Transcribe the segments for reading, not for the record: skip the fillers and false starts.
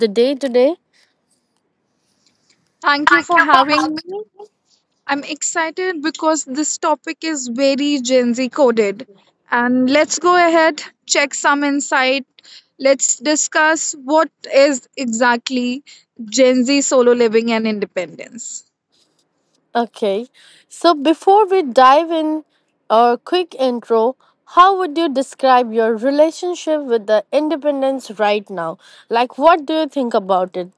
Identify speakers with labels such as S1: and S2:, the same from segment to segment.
S1: the day today.
S2: Thank you for having me. I'm excited because this topic is very Gen Z coded. And let's go ahead, check some insight. Let's discuss what is exactly Gen Z solo living and independence.
S1: Okay, so before we dive in, a quick intro. How would you describe your relationship with the independence right now? Like, what do you think about it?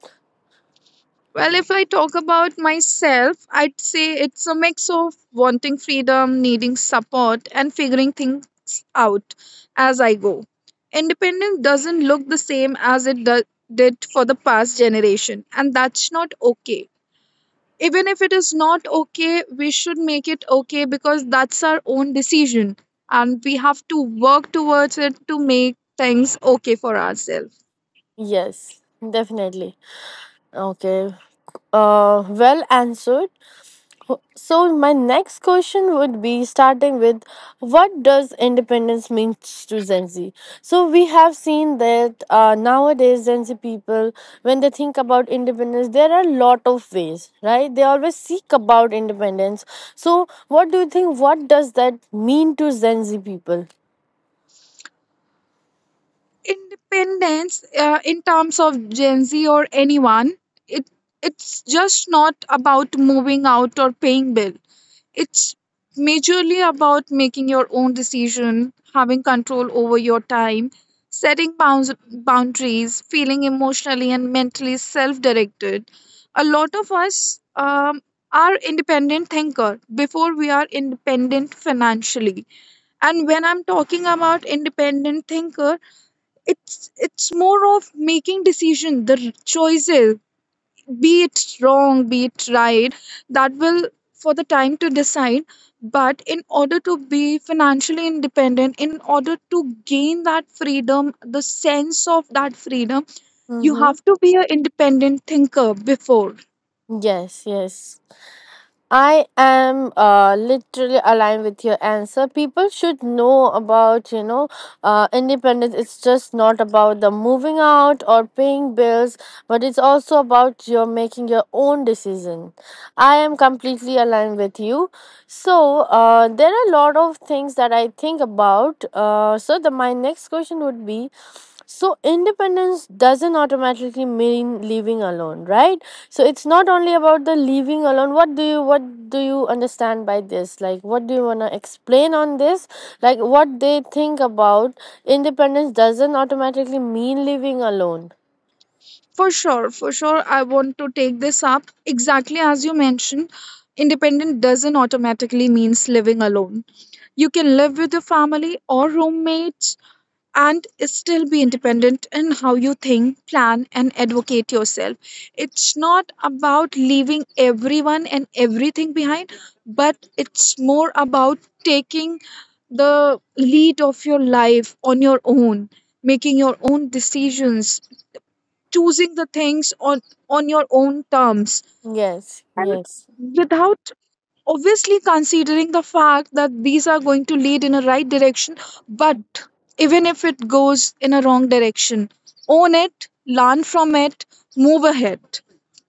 S2: Well, if I talk about myself, I'd say it's a mix of wanting freedom, needing support, and figuring things out as I go. Independence doesn't look the same as it did for the past generation, and that's not okay. Even if it is not okay, we should make it okay because that's our own decision, and we have to work towards it to make things okay for ourselves.
S1: Yes, definitely. Okay, well answered. So my next question would be starting with what does independence means to Gen Z? So we have seen that nowadays Gen Z people, when they think about independence, there are a lot of ways, right? They always seek about independence. So what do you think? What does that mean to Gen Z people?
S2: Independence in terms of Gen Z or anyone. It it's just not about moving out or paying bill. It's majorly about making your own decision, having control over your time, setting boundaries, feeling emotionally and mentally self-directed. A lot of us are independent thinker before we are independent financially. And when I'm talking about independent thinker, it's it's more of making decision, the choices, be it wrong, be it right, that will for the time to decide. But in order to be financially independent, in order to gain that freedom, the sense of that freedom, you
S1: Mm-hmm.
S2: have to be an independent thinker before,
S1: Yes, yes. I am literally aligned with your answer. People should know about, you know, independence. It's just not about the moving out or paying bills, but it's also about your making your own decision. I am completely aligned with you. So there are a lot of things that I think about. So the my next question would be: so independence doesn't automatically mean living alone, right? So it's not only about the living alone. What do you understand by this? Like, what do you wanna explain on this? Like, what they think about independence doesn't automatically mean living alone.
S2: for sure, for sure. I want to take this up. Exactly as you mentioned, independent doesn't automatically means living alone. You can live with your family or roommates and still be independent in how you think, plan, and advocate yourself. It's not about leaving everyone and everything behind, but it's more about taking the lead of your life on your own, making your own decisions, choosing the things on your own terms
S1: Yes.
S2: and
S1: Yes.
S2: without obviously considering the fact that these are going to lead in a right direction. But even if it goes in a wrong direction, own it, learn from it, move ahead.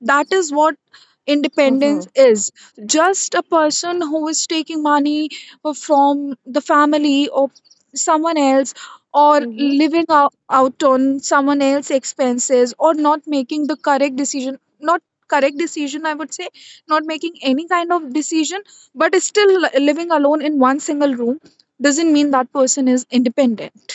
S2: That is what
S1: Mm-hmm.
S2: independence is. Just a person who is taking money from the family or someone else or
S1: Mm-hmm.
S2: living out on someone else's expenses or not making the correct decision, not correct decision, I would say, not making any kind of decision, but still living alone in one single room doesn't mean that person is independent.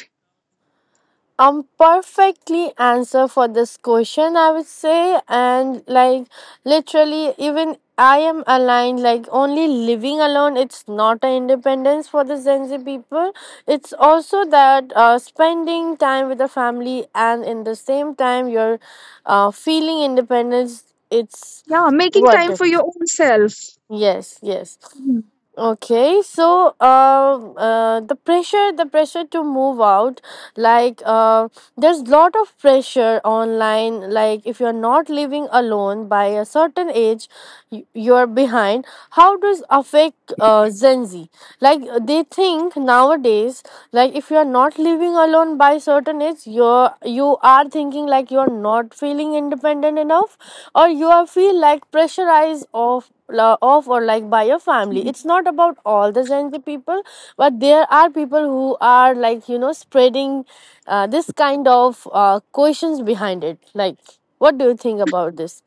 S1: perfectly answer for this question I would say and like literally even I am aligned like only living alone it's not an independence for the Gen Z people it's also that spending time with the family and in the same time you're feeling independence it's
S2: Yeah, making
S1: what
S2: time for your
S1: it
S2: own self.
S1: yes yes.
S2: Mhm.
S1: Okay, so the pressure to move out, like there's lot of pressure online. Like if you're not living alone by a certain age, you're behind. How does affect Gen Z? Like they think nowadays, like if you're not living alone by certain age, you are thinking like you're not feeling independent enough, or you are feel like pressurized of lo- of or like by your family. It's not about all the Gen Z people, but there are people who are like, you know, spreading this kind of questions behind it. Like, what do you think about this?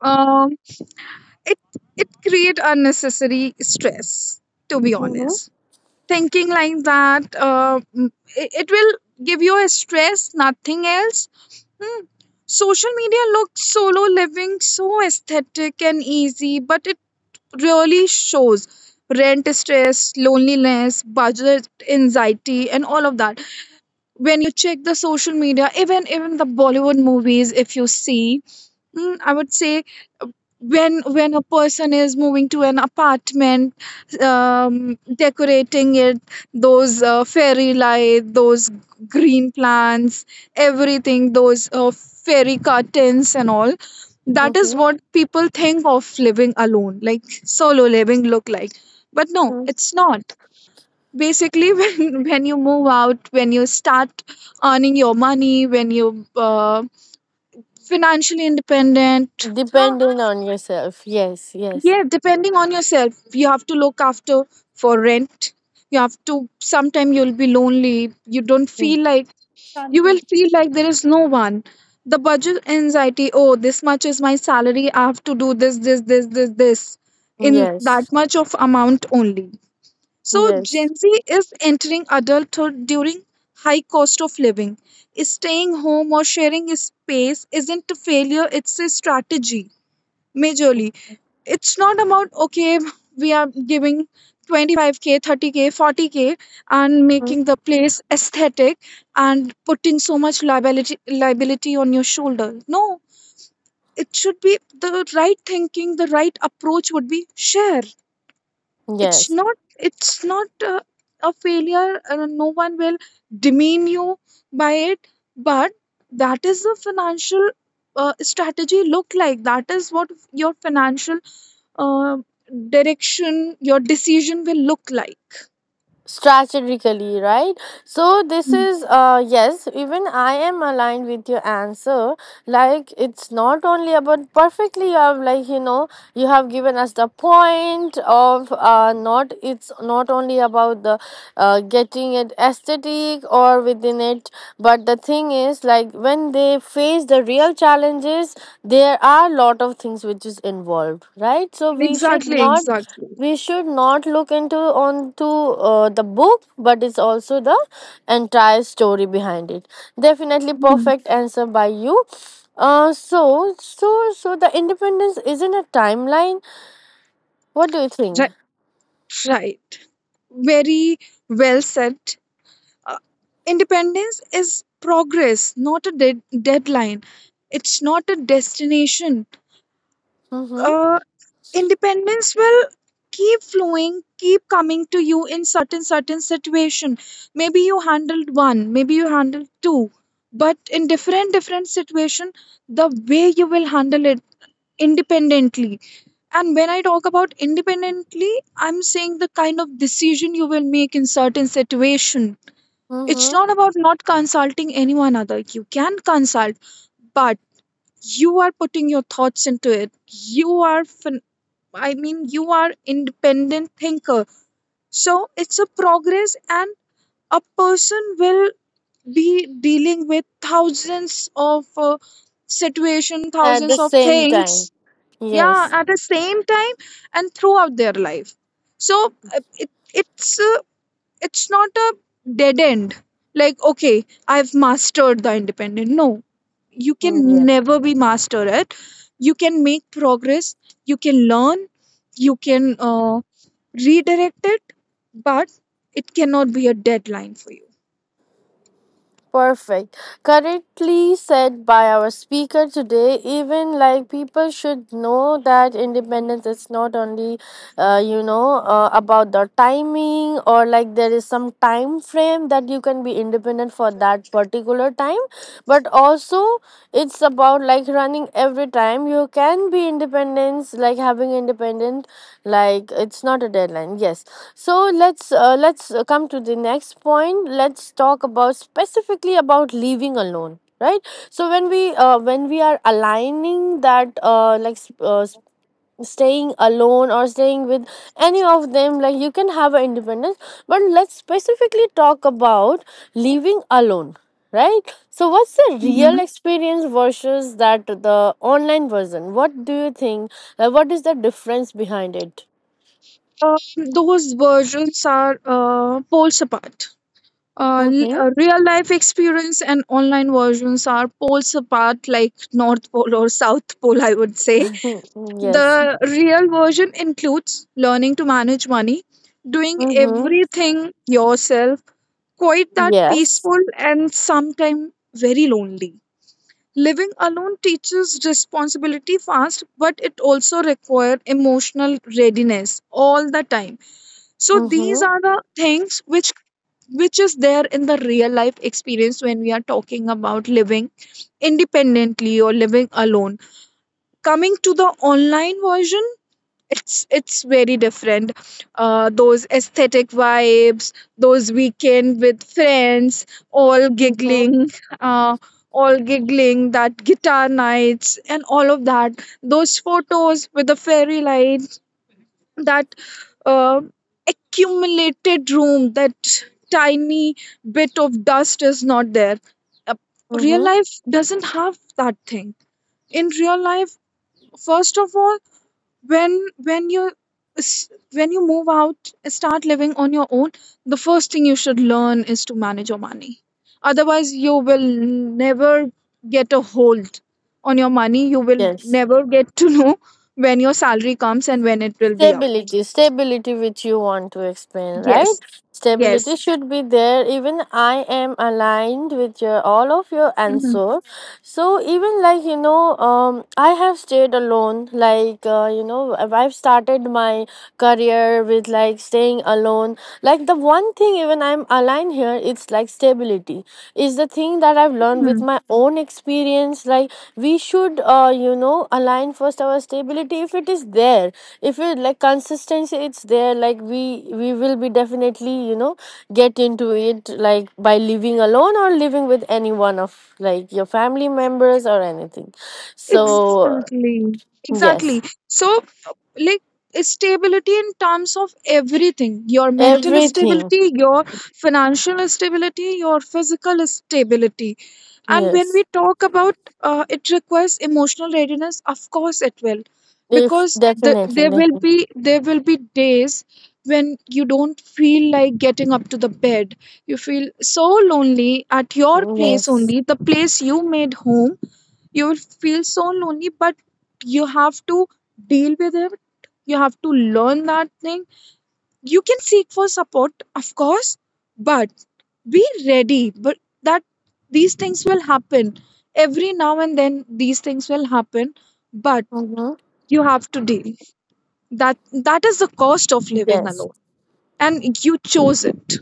S2: um it create unnecessary stress, to be
S1: Mm-hmm.
S2: honest, thinking like that. It will give you a stress, nothing else. Hmm. Social media looks solo living so aesthetic and easy, but it really shows rent stress, loneliness, budget anxiety, and all of that. When you check the social media, even the Bollywood movies, if you see, mm, I would say uh, when a person is moving to an apartment, decorating it, those fairy light, those green plants, everything, those fairy curtains and all. That is
S1: Mm-hmm.
S2: what people think of living alone, like solo living look like. But no, it's not. Basically, when you move out, when you start earning your money, when you financially independent, huh?
S1: Depending on yourself. Yes, yes.
S2: Yeah, depending on yourself, you have to look after for rent. You have to, sometime you'll be lonely. You don't
S1: Mm.
S2: feel like, you will feel like there is no one. The budget anxiety, oh, this much is my salary. I have to do this, this, this, this, this in that
S1: Yes,
S2: much of amount only. So
S1: yes.
S2: Gen Z is entering adulthood during high cost of living. Staying home or sharing a space isn't a failure, it's a strategy. Majorly, it's not about okay, we are giving 25k 30k 40k and
S1: Mm.
S2: making the place aesthetic and putting so much liability on your shoulder. No, it should be the right thinking. The right approach would be share. it's
S1: Yes.
S2: not it's not a failure. No one will demean you by it, but that is the financial strategy look like. That is what your financial uh, direction, your decision will look like.
S1: Strategically right, so this
S2: Mm.
S1: is yes, even I am aligned with your answer, like it's not only about perfectly you have like you know you have given us the point of not it's not only about the getting it aesthetic or within it but the thing is like when they face the real challenges there are a lot of things which is involved, right? so we should
S2: Exactly,
S1: not
S2: exactly.
S1: we should not look into onto the book but it's also the entire story behind it. Definitely
S2: Mm.
S1: perfect answer by you. Uh so so so the independence isn't a timeline, what do you think?
S2: Right, right. Very well said. Uh, independence is progress, not a deadline. It's not a destination.
S1: Mm-hmm.
S2: Uh, independence will keep flowing, keep coming to you in certain situation. Maybe you handled one, maybe you handled two, but in different situation, the way you will handle it independently. And when I talk about independently, I'm saying the kind of decision you will make in certain situation. It's
S1: Mm-hmm.
S2: not about not consulting anyone other. You can consult, but you are putting your thoughts into it. You are I mean, you are independent thinker, so it's a progress. And a person will be dealing with thousands of situation,
S1: At
S2: thousands
S1: the
S2: of
S1: same time.
S2: things, yeah,
S1: Yes.
S2: at the same time and throughout their life. So it's not a dead end like, okay, I've mastered the independent. No, you can
S1: Yes.
S2: never be master at. You can make progress, you can learn, you can redirect it, but it cannot be a deadline for you.
S1: Perfect. Correctly said by our speaker today, even like people should know that independence is not only, you know, about the timing or like there is some time frame that you can be independent for that particular time, but also it's about like running every time you can be independence like having independent like it's not a deadline. Yes, so let's come to the next point, let's talk about specifically about leaving alone, right? So when we are aligning that like staying alone or staying with any of them like you can have an independence but let's specifically talk about living alone, right? So what's the
S2: Hmm.
S1: real experience versus that the online version, what do you think, like, what is the difference behind it?
S2: um, those versions are poles apart.
S1: Mm-hmm.
S2: Real life experience and online versions are poles apart, like North Pole or South Pole, I would say. The
S1: Yes.
S2: real version includes learning to manage money, doing
S1: Mm-hmm.
S2: everything yourself, quite that
S1: Yes.
S2: peaceful and sometimes very lonely. Living alone teaches responsibility fast, but it also requires emotional readiness all the time. So, these
S1: Mm-hmm.
S2: are the things which is there in the real life experience when we are talking about living independently or living alone. Coming to the online version, it's very different. Those aesthetic vibes, those weekend with friends all
S1: Mm-hmm.
S2: giggling, uh, all giggling, that guitar nights and all of that, those photos with the fairy light, that uh, accumulated room, that tiny bit of dust is not there. uh, Real
S1: Mm-hmm.
S2: life doesn't have that thing. In real life, first of all, when s- when you move out, start living on your own, the first thing you should learn is to manage your money. Otherwise, you will never get a hold on your money. You will
S1: Yes.
S2: never get to know when your salary comes and when it will be out.
S1: Stability, which you want to explain,
S2: Yes,
S1: right? Stability
S2: yes.
S1: should be there. Even I am aligned with your all of your
S2: Mhm,
S1: answer. So even like you know, I have stayed alone. Like you know, I've started my career with like staying alone. Like the one thing even I'm aligned here, it's like stability is the thing that I've learned with
S2: mhm.
S1: my own experience. Like we should, you know, align first our stability if it is there if it like consistency it's there like we will be definitely you know get into it like by living alone or living with any one of like your family members or anything. So
S2: Exactly.
S1: yes
S2: Exactly. So, like, stability in terms of everything, your mental
S1: everything
S2: stability, your financial stability, your physical stability. And when we
S1: yes
S2: talk about it requires emotional readiness, of course it will,
S1: if
S2: because
S1: definitely
S2: there will
S1: definitely.
S2: be, there will be days when you don't feel like getting up to the bed. You feel so lonely at your place
S1: Yes.
S2: only, the place you made home, you will feel so lonely, but you have to deal with it. You have to learn that thing. You can seek for support, of course, but be ready. But that these things will happen every now and then. These things will happen, but
S1: Mm-hmm.
S2: you have to deal that. That is the cost of living
S1: Yes
S2: alone, and you chose it.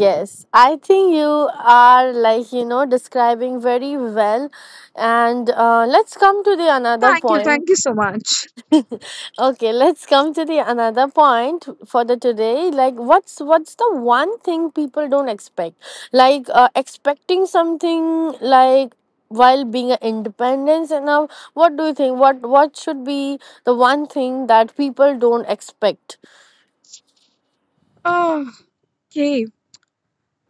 S1: yes I think you are like you know describing very well and let's come to the another
S2: Thank you,
S1: point.
S2: thank you so much.
S1: Okay, let's come to the another point for the today. Like, what's the one thing people don't expect? Like, expecting something like while being an independence. And now, what do you think? What should be the one thing that people don't expect?
S2: Ah, okay.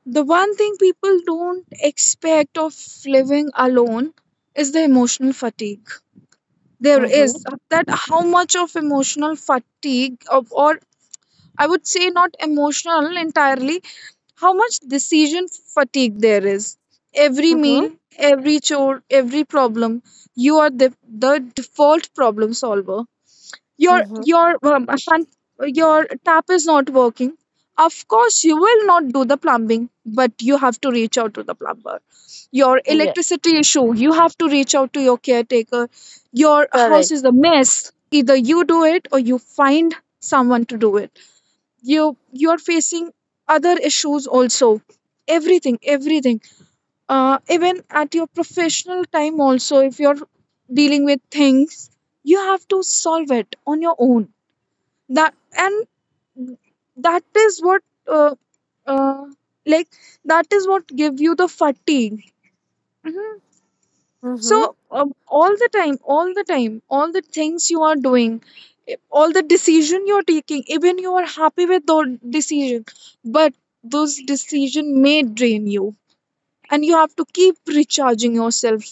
S2: The one thing people don't expect of living alone is the emotional fatigue. There is
S1: Mm-hmm.
S2: that how much of emotional fatigue, or I would say not emotional entirely, how much decision fatigue there is. Every
S1: Mm-hmm.
S2: meal, every chore, every problem, you are the default problem solver. your
S1: Mm-hmm.
S2: your um, hun- your tap is not working. Of course, you will not do the plumbing, but you have to reach out to the plumber. Your
S1: Yeah.
S2: electricity issue, you have to reach out to your caretaker. Your house
S1: Correct.
S2: is a mess, either you do it or you find someone to do it. You're facing other issues also. Everything, everything, even at your professional time also, if you're dealing with things, you have to solve it on your own. That and that is what uh, uh, like, that is what give you the fatigue. Mhm.
S1: Mm-hmm.
S2: So all the time, all the time, all the things you are doing, all the decision you're taking, even you are happy with the decision, but those decision may drain you, and you have to keep recharging yourself.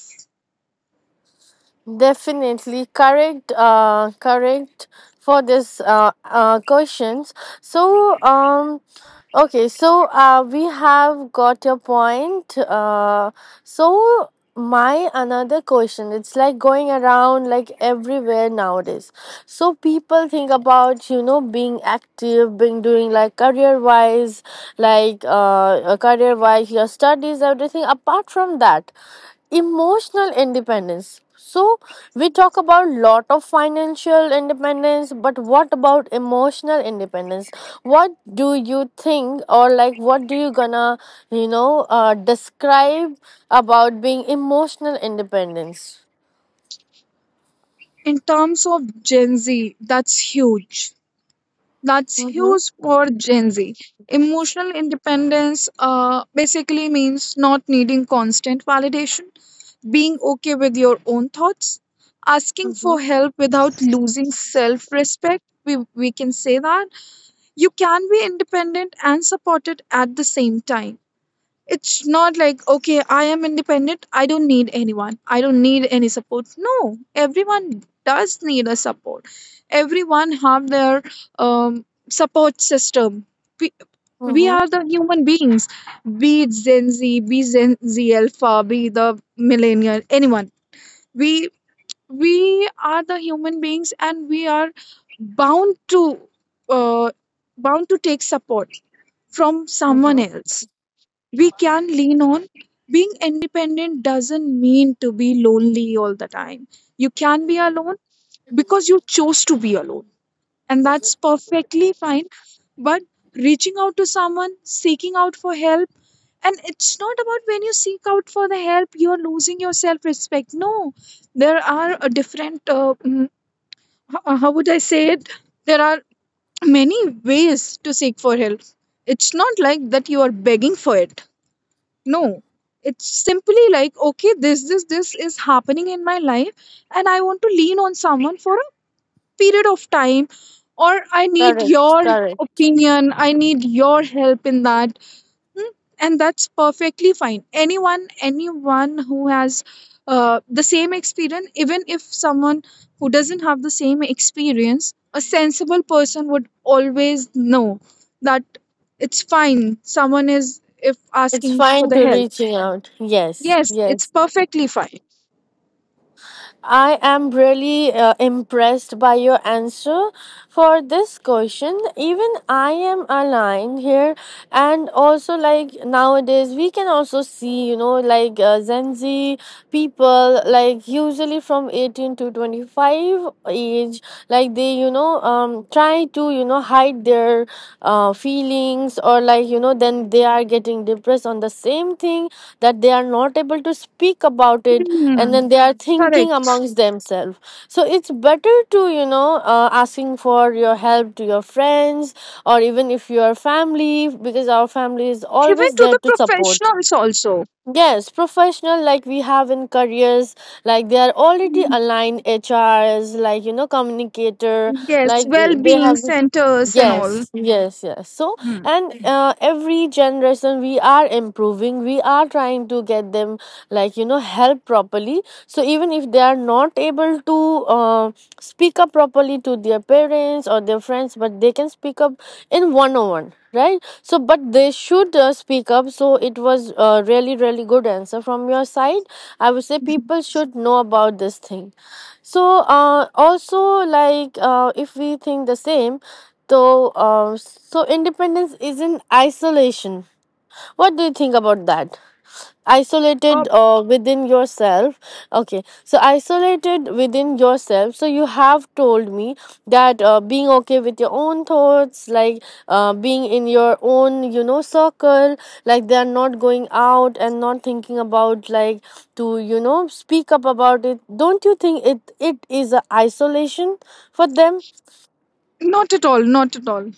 S1: Definitely correct. Correct for this questions. So um okay, so we have got your point. So my another question, it's like going around like everywhere nowadays. So people think about you know being active, being doing like career wise, like career wise, your studies, everything. Apart from that, emotional independence, so we talk about lot of financial independence but what about emotional independence, what do you think or like what do you gonna you know describe about being emotional independence?
S2: In terms of Gen Z, that's huge. That's
S1: Mm-hmm,
S2: huge for Gen Z. Emotional independence basically means not needing constant validation, being okay with your own thoughts, asking
S1: mm-hmm,
S2: for help without losing self respect. We can say that. You can be independent and supported at the same time. It's not like, okay, I am independent. I don't need anyone. I don't need any support. No, everyone does need a support. Everyone have their um, support system. We, we
S1: mm-hmm,
S2: are the human beings, be it Gen Z, be Gen Z Alpha, be the millennial, anyone. We we are the human beings, and we are bound to uh, take support from someone
S1: mm-hmm.
S2: else we can lean on. Being independent doesn't mean to be lonely all the time. You can be alone because you chose to be alone, and that's perfectly fine. But reaching out to someone, seeking out for help, and it's not about when you seek out for the help, you're losing your self respect. No, there are a different, how would I say it? There are many ways to seek for help. It's not like that you are begging for it, no, it's simply like, okay, this is happening in my life, and I want to lean on someone for a period of time, or I need
S1: Correct,
S2: your
S1: correct,
S2: opinion, I need your help in that. Hmm, And that's perfectly fine. Anyone, anyone who has the same experience, even if someone who doesn't have the same experience, a sensible person would always know that it's fine. Someone is if
S1: it's
S2: asking for
S1: fine
S2: the
S1: to
S2: help.
S1: reaching out, yes
S2: Yes, it's
S1: yes.
S2: perfectly fine.
S1: I am really impressed by your answer for this question. Even I am aligned here, and also like nowadays we can also see, you know, like Gen Z people, like usually from 18 to 25 age, like they, you know, try to, you know, hide their feelings or like you know then they are getting depressed on the same thing that they are not able to speak about it and
S2: Hmm,
S1: then they are thinking
S2: correct.
S1: amongst themselves, so it's better to you know asking for your help to your friends or even if you are family, because our family is
S2: Even
S1: always
S2: to
S1: there
S2: the
S1: to support.
S2: professionals also.
S1: Yes, professional like we have in careers, like they are already
S2: Hmm,
S1: aligned HRs, like you know, communicator,
S2: yes,
S1: like they
S2: well-being
S1: have.
S2: centers and all.
S1: Yes, yes, yes. So,
S2: Hmm.
S1: and mhm. Every generation we are improving, we are trying to get them, like, you know, help properly. So, even if they are not able to uh, speak up properly to their parents or their friends, but they can speak up in one on one, right? So, but they should speak up. So, it was really, really good answer from your side. I would say people should know about this thing. So, also, like, if we think the same, so, so independence isn't isolation. What do you think about that?
S2: Uh,
S1: Isolated within yourself. Okay, so isolated within yourself. So you have told me that being okay with your own thoughts, like being in your own, you know, circle, like they are not going out and not thinking about like to, you know, speak up about it. Don't you think it it is a isolation for them?
S2: not at all, not at all.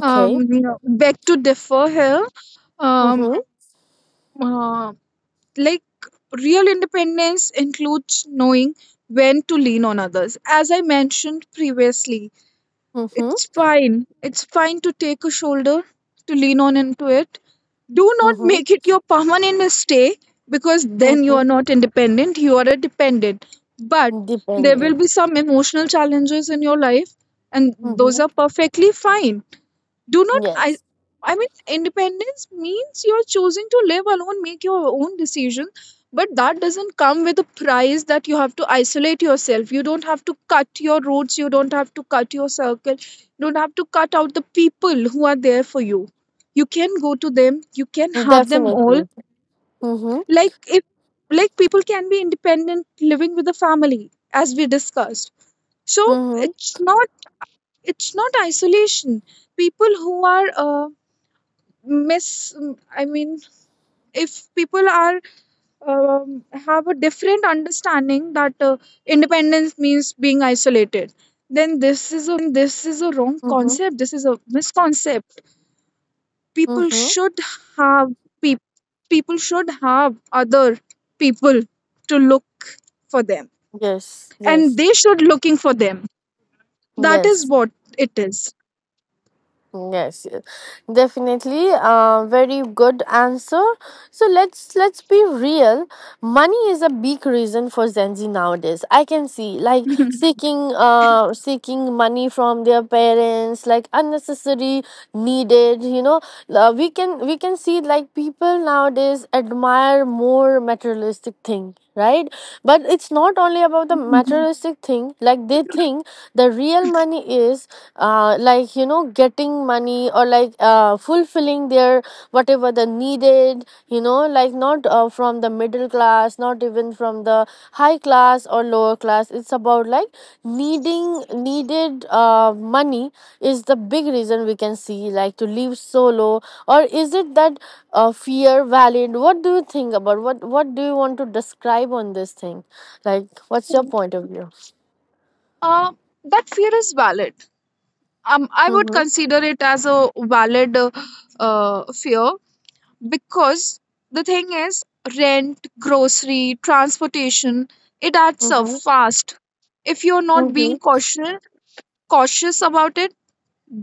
S2: Back to differ here. Um,
S1: Mm-hmm.
S2: uh, like real independence includes knowing when to lean on others. As I mentioned previously,
S1: Mm-hmm.
S2: it's fine. It's fine to take a shoulder, to lean on into it. Do not
S1: Mhm,
S2: make it your permanent stay, because then you
S1: mhm.
S2: are not independent, you are a dependent. But there will
S1: Depending.
S2: be some emotional challenges in your life, and those
S1: Mhm.
S2: are perfectly fine. Do not, i
S1: Yes.
S2: i mean independence means you're choosing to live alone, make your own decision, but that doesn't come with a price that you have to isolate yourself. You don't have to cut your roots, you don't have to cut your circle, you don't have to cut out the people who are there for you. You can go to them, you can have them all.
S1: Definitely. Mhm,
S2: Like, if like, people can be independent living with a family, as we discussed. So
S1: mhm,
S2: it's not, it's not isolation. People who are miss I mean if people are have a different understanding that independence means being isolated, then this is a wrong
S1: mhm,
S2: concept, this is a misconcept. People
S1: mhm.
S2: should have peop people should have other people to look for them,
S1: Yes,
S2: and
S1: yes,
S2: they should looking for them. That is
S1: yes.
S2: what it is.
S1: Yes, yes. Definitely. Very good answer. So let's be real. Money is a big reason for Gen Z nowadays. I can see like seeking seeking money from their parents, like unnecessary, needed. You know, we can see like people nowadays admire more materialistic thing right but it's not only about the
S2: Mhm.
S1: materialistic thing like they think the real money is like you know getting money or like fulfilling their whatever they needed you know like not from the middle class not even from the high class or lower class it's about like needing needed money is the big reason we can see like to live so low or is it that fear valid what do you think about what do you want to describe on this thing like what's your point of view
S2: uh, that fear is valid. I would
S1: mm-hmm,
S2: consider it as a valid fear, because the thing is rent, grocery, transportation, it adds up
S1: mm-hmm,
S2: fast. If you're not
S1: mm-hmm,
S2: being cautious. Cautious about it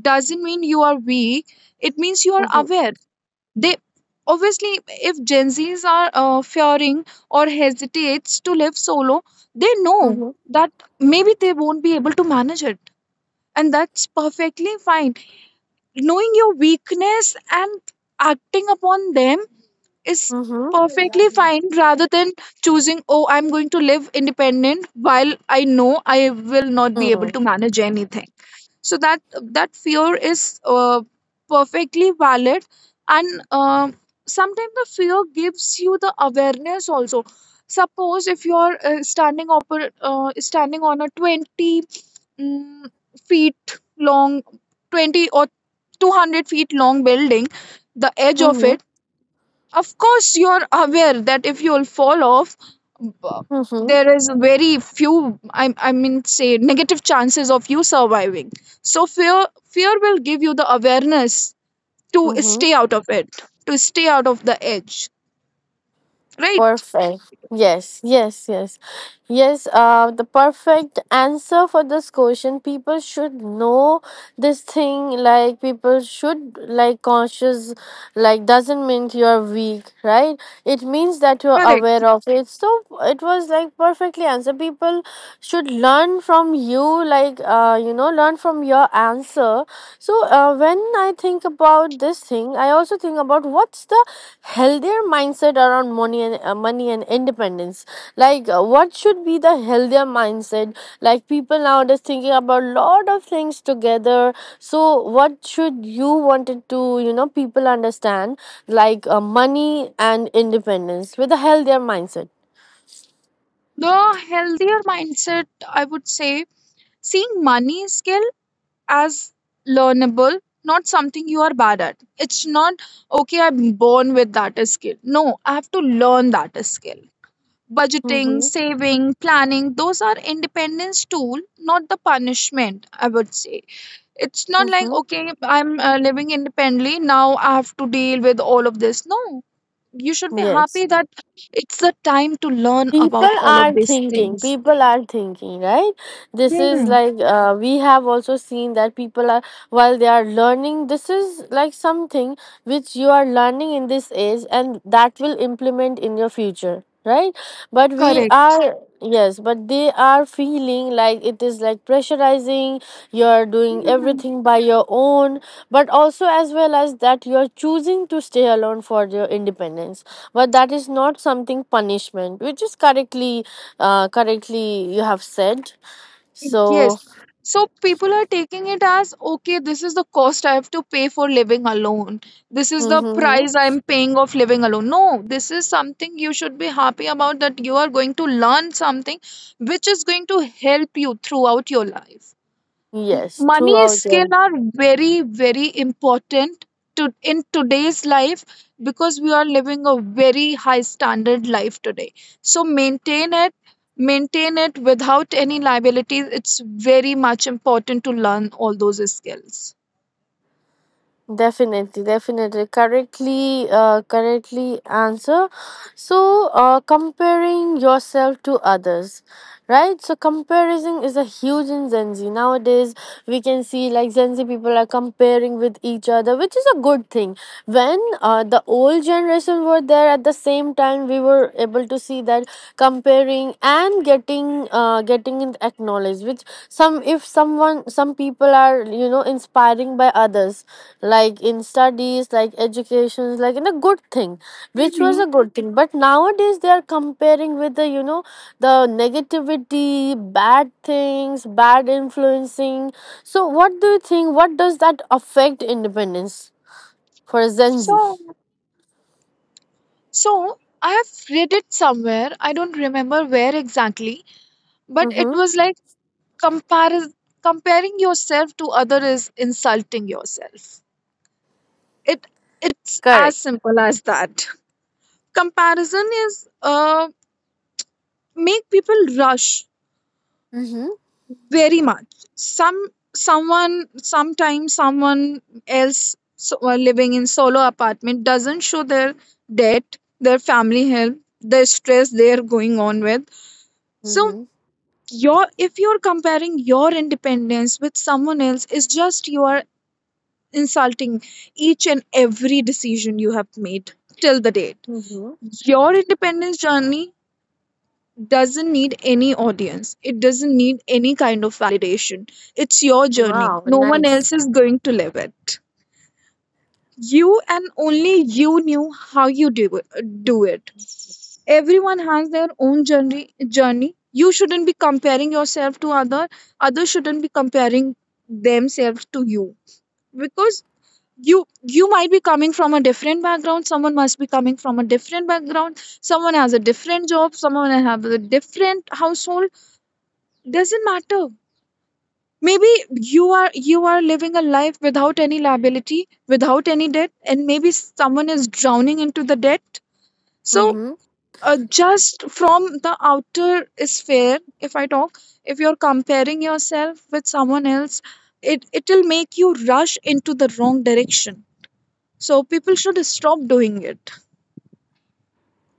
S2: doesn't mean you are weak, it means you are
S1: mm-hmm,
S2: aware. They obviously, if Gen Z's are fearing or hesitates to live solo, they know
S1: mm-hmm,
S2: that maybe they won't be able to manage it, and that's perfectly fine. Knowing your weakness and acting upon them is
S1: mm-hmm,
S2: perfectly fine, rather than choosing, oh, I'm going to live independent while I know I will not be able
S1: mm-hmm,
S2: to manage anything. So that fear is perfectly valid, and sometimes the fear gives you the awareness also. Suppose if you're standing up, standing on a 20 mm, feet long, 20 or 200 feet long building, the edge of
S1: mm-hmm,
S2: it. Of course you're aware that if you'll fall off, b-
S1: mm-hmm.
S2: there is very few, I mean say, negative chances of you surviving. So fear will give you the awareness to
S1: Mm-hmm.
S2: stay out of it, to stay out of the edge, right?
S1: Perfect. Yes, yes, yes. Yes, the perfect answer for this question. People should know this thing. Like, people should, like, conscious, like, doesn't mean you're weak, right? It means that you're aware
S2: Correct.
S1: of it. So, it was like perfectly answer. People should learn from you, like, you know, learn from your answer. So, when I think about this thing, I also think about what's the healthier mindset around money and money and independence, like what should be the healthier mindset, like people nowadays thinking about a lot of things together, so what should you wanted to you know people understand like money and independence with a healthier mindset
S2: The healthier mindset, I would say, seeing money skill as learnable, not something you are bad at. It's not okay, I'm born with that skill. No, I have to learn that skill. Budgeting,
S1: mm-hmm.
S2: saving, planning, those are independence tool, not the punishment, I would say. It's not like,
S1: Mm-hmm.
S2: okay, I'm living independently, now I have to deal with all of this. No, you should be
S1: Yes,
S2: happy that it's the time to learn
S1: people
S2: about all
S1: are
S2: of these
S1: thinking
S2: things.
S1: people are thinking right? This is
S2: Hmm,
S1: like we have also seen that people are while they are learning, this is like something which you are learning in this age and that will implement in your future, right? But we
S2: correct.
S1: are yes but they are feeling like it is like pressurizing, you are doing
S2: Hmm.
S1: everything by your own but also as well as that you are choosing to stay alone for your independence but that is not something punishment which is correctly correctly you have said.
S2: Yes.
S1: So
S2: So people are taking it as okay, this is the cost I have to pay for living alone. This is the
S1: mhm, mhm.
S2: price I'm paying of living alone. No, this is something you should be happy about, that you are going to learn something which is going to help you throughout your life. M-
S1: Yes,
S2: Money and
S1: throughout
S2: skill
S1: your
S2: are very very important to in today's life, because we are living a very high standard life today. So maintain it, maintain it without any liabilities. It's very much important to learn all those skills.
S1: definitely, definitely. Correctly, correctly answer. So, comparing yourself to others, right? So, comparison is a huge in Gen Z nowadays. We can see like Gen Z people are comparing with each other, which is a good thing. When the old generation were there at the same time, we were able to see that comparing and getting, getting it acknowledged. Which some, if someone, some people are you know inspiring by others like in studies like educations like in a good thing which was
S2: Mm-hmm.
S1: a good thing but nowadays they are comparing with the you know the negativity bad things bad influencing so what do you think what does that affect independence for Gen Z?
S2: so, so, I have read it somewhere. I don't remember where exactly, but it
S1: Mm-hmm.
S2: was like comparis comparing yourself to other is insulting yourself. it it's as
S1: Correct.
S2: simple as that. Comparison is make people rush
S1: Mm-hmm.
S2: very much. Some someone sometimes someone else so, living in solo apartment doesn't show their debt, their family help, their stress they're going on with. So
S1: Mm-hmm.
S2: your if you're comparing your independence with someone else, is just you are insulting each and every decision you have made till the date.
S1: Mm-hmm.
S2: Your independence journey doesn't need any audience. It doesn't need any kind of validation. It's your journey.
S1: Wow,
S2: No one else
S1: nice.
S2: is going to live it. You and only you knew how you do it. Do it. Everyone has their own journey. You shouldn't be comparing yourself to other. Others shouldn't be comparing themselves to you, because you might be coming from a different background, someone must be coming from a different background, someone has a different job, someone has a different household. Doesn't matter. Maybe you are living a life without any liability, without any debt, and maybe someone is drowning into the debt. So
S1: Mm-hmm.
S2: just from the outer sphere, if I talk, if you're comparing yourself with someone else, it will make you rush into the wrong direction. So people should stop doing it.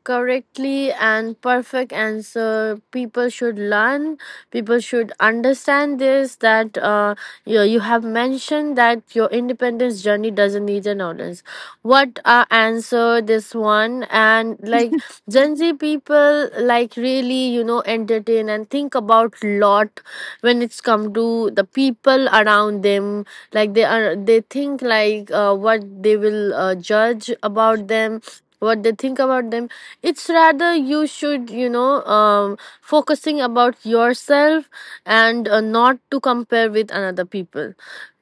S1: Correctly and perfect answer, people should learn, people should understand this that you have mentioned that your independence journey doesn't need an audience, what answer this one and like Gen Z people like really you know entertain and think about lot when it's come to the people around them, like they are they think like what they will judge about them what they think about them it's rather you should you know focusing about yourself and not to compare with another people.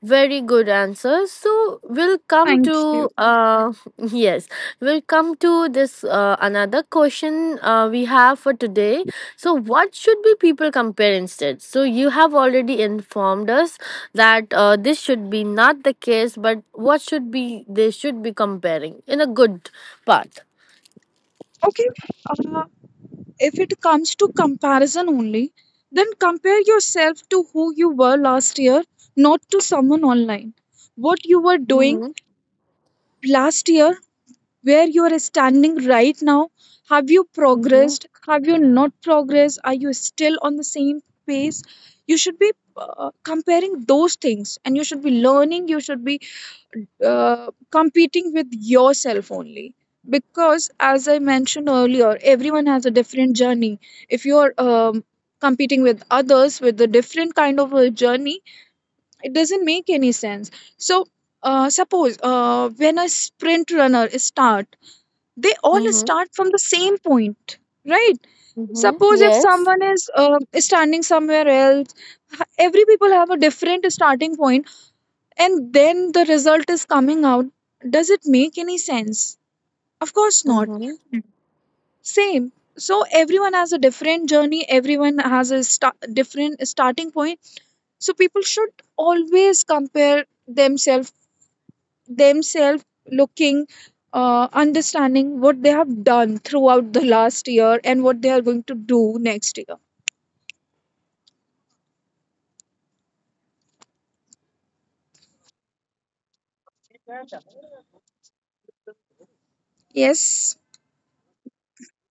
S1: Very good answer, so we'll come
S2: Thank you.
S1: to yes we'll come to this another question we have for today, so what should be people compare instead, so you have already informed us that this should be not the case but what should be they should be comparing in a good part.
S2: Okay. Uh, if it comes to comparison only, then compare yourself to who you were last year, not to someone online. What you were doing last year, where you are standing right now. Have you
S1: Mhm.
S2: progressed? Have you not progressed? Are you still on the same pace? You should be comparing those things, and you should be learning, you should be competing with yourself only, because as I mentioned earlier, everyone has a different journey. If you're competing with others with a different kind of a journey, it doesn't make any sense. So suppose when a sprint runner start, they all
S1: Mhm.
S2: start from the same point, right?
S1: Mhm.
S2: Suppose if
S1: Yes.
S2: someone is standing somewhere else, every people have a different starting point, and then the result is coming out. Does it make any sense? Of course not.
S1: Mhm.
S2: Same. So everyone has a different journey, everyone has a different starting point. So people should always compare themselves looking, understanding what they have done throughout the last year and what they are going to do next year. Yes.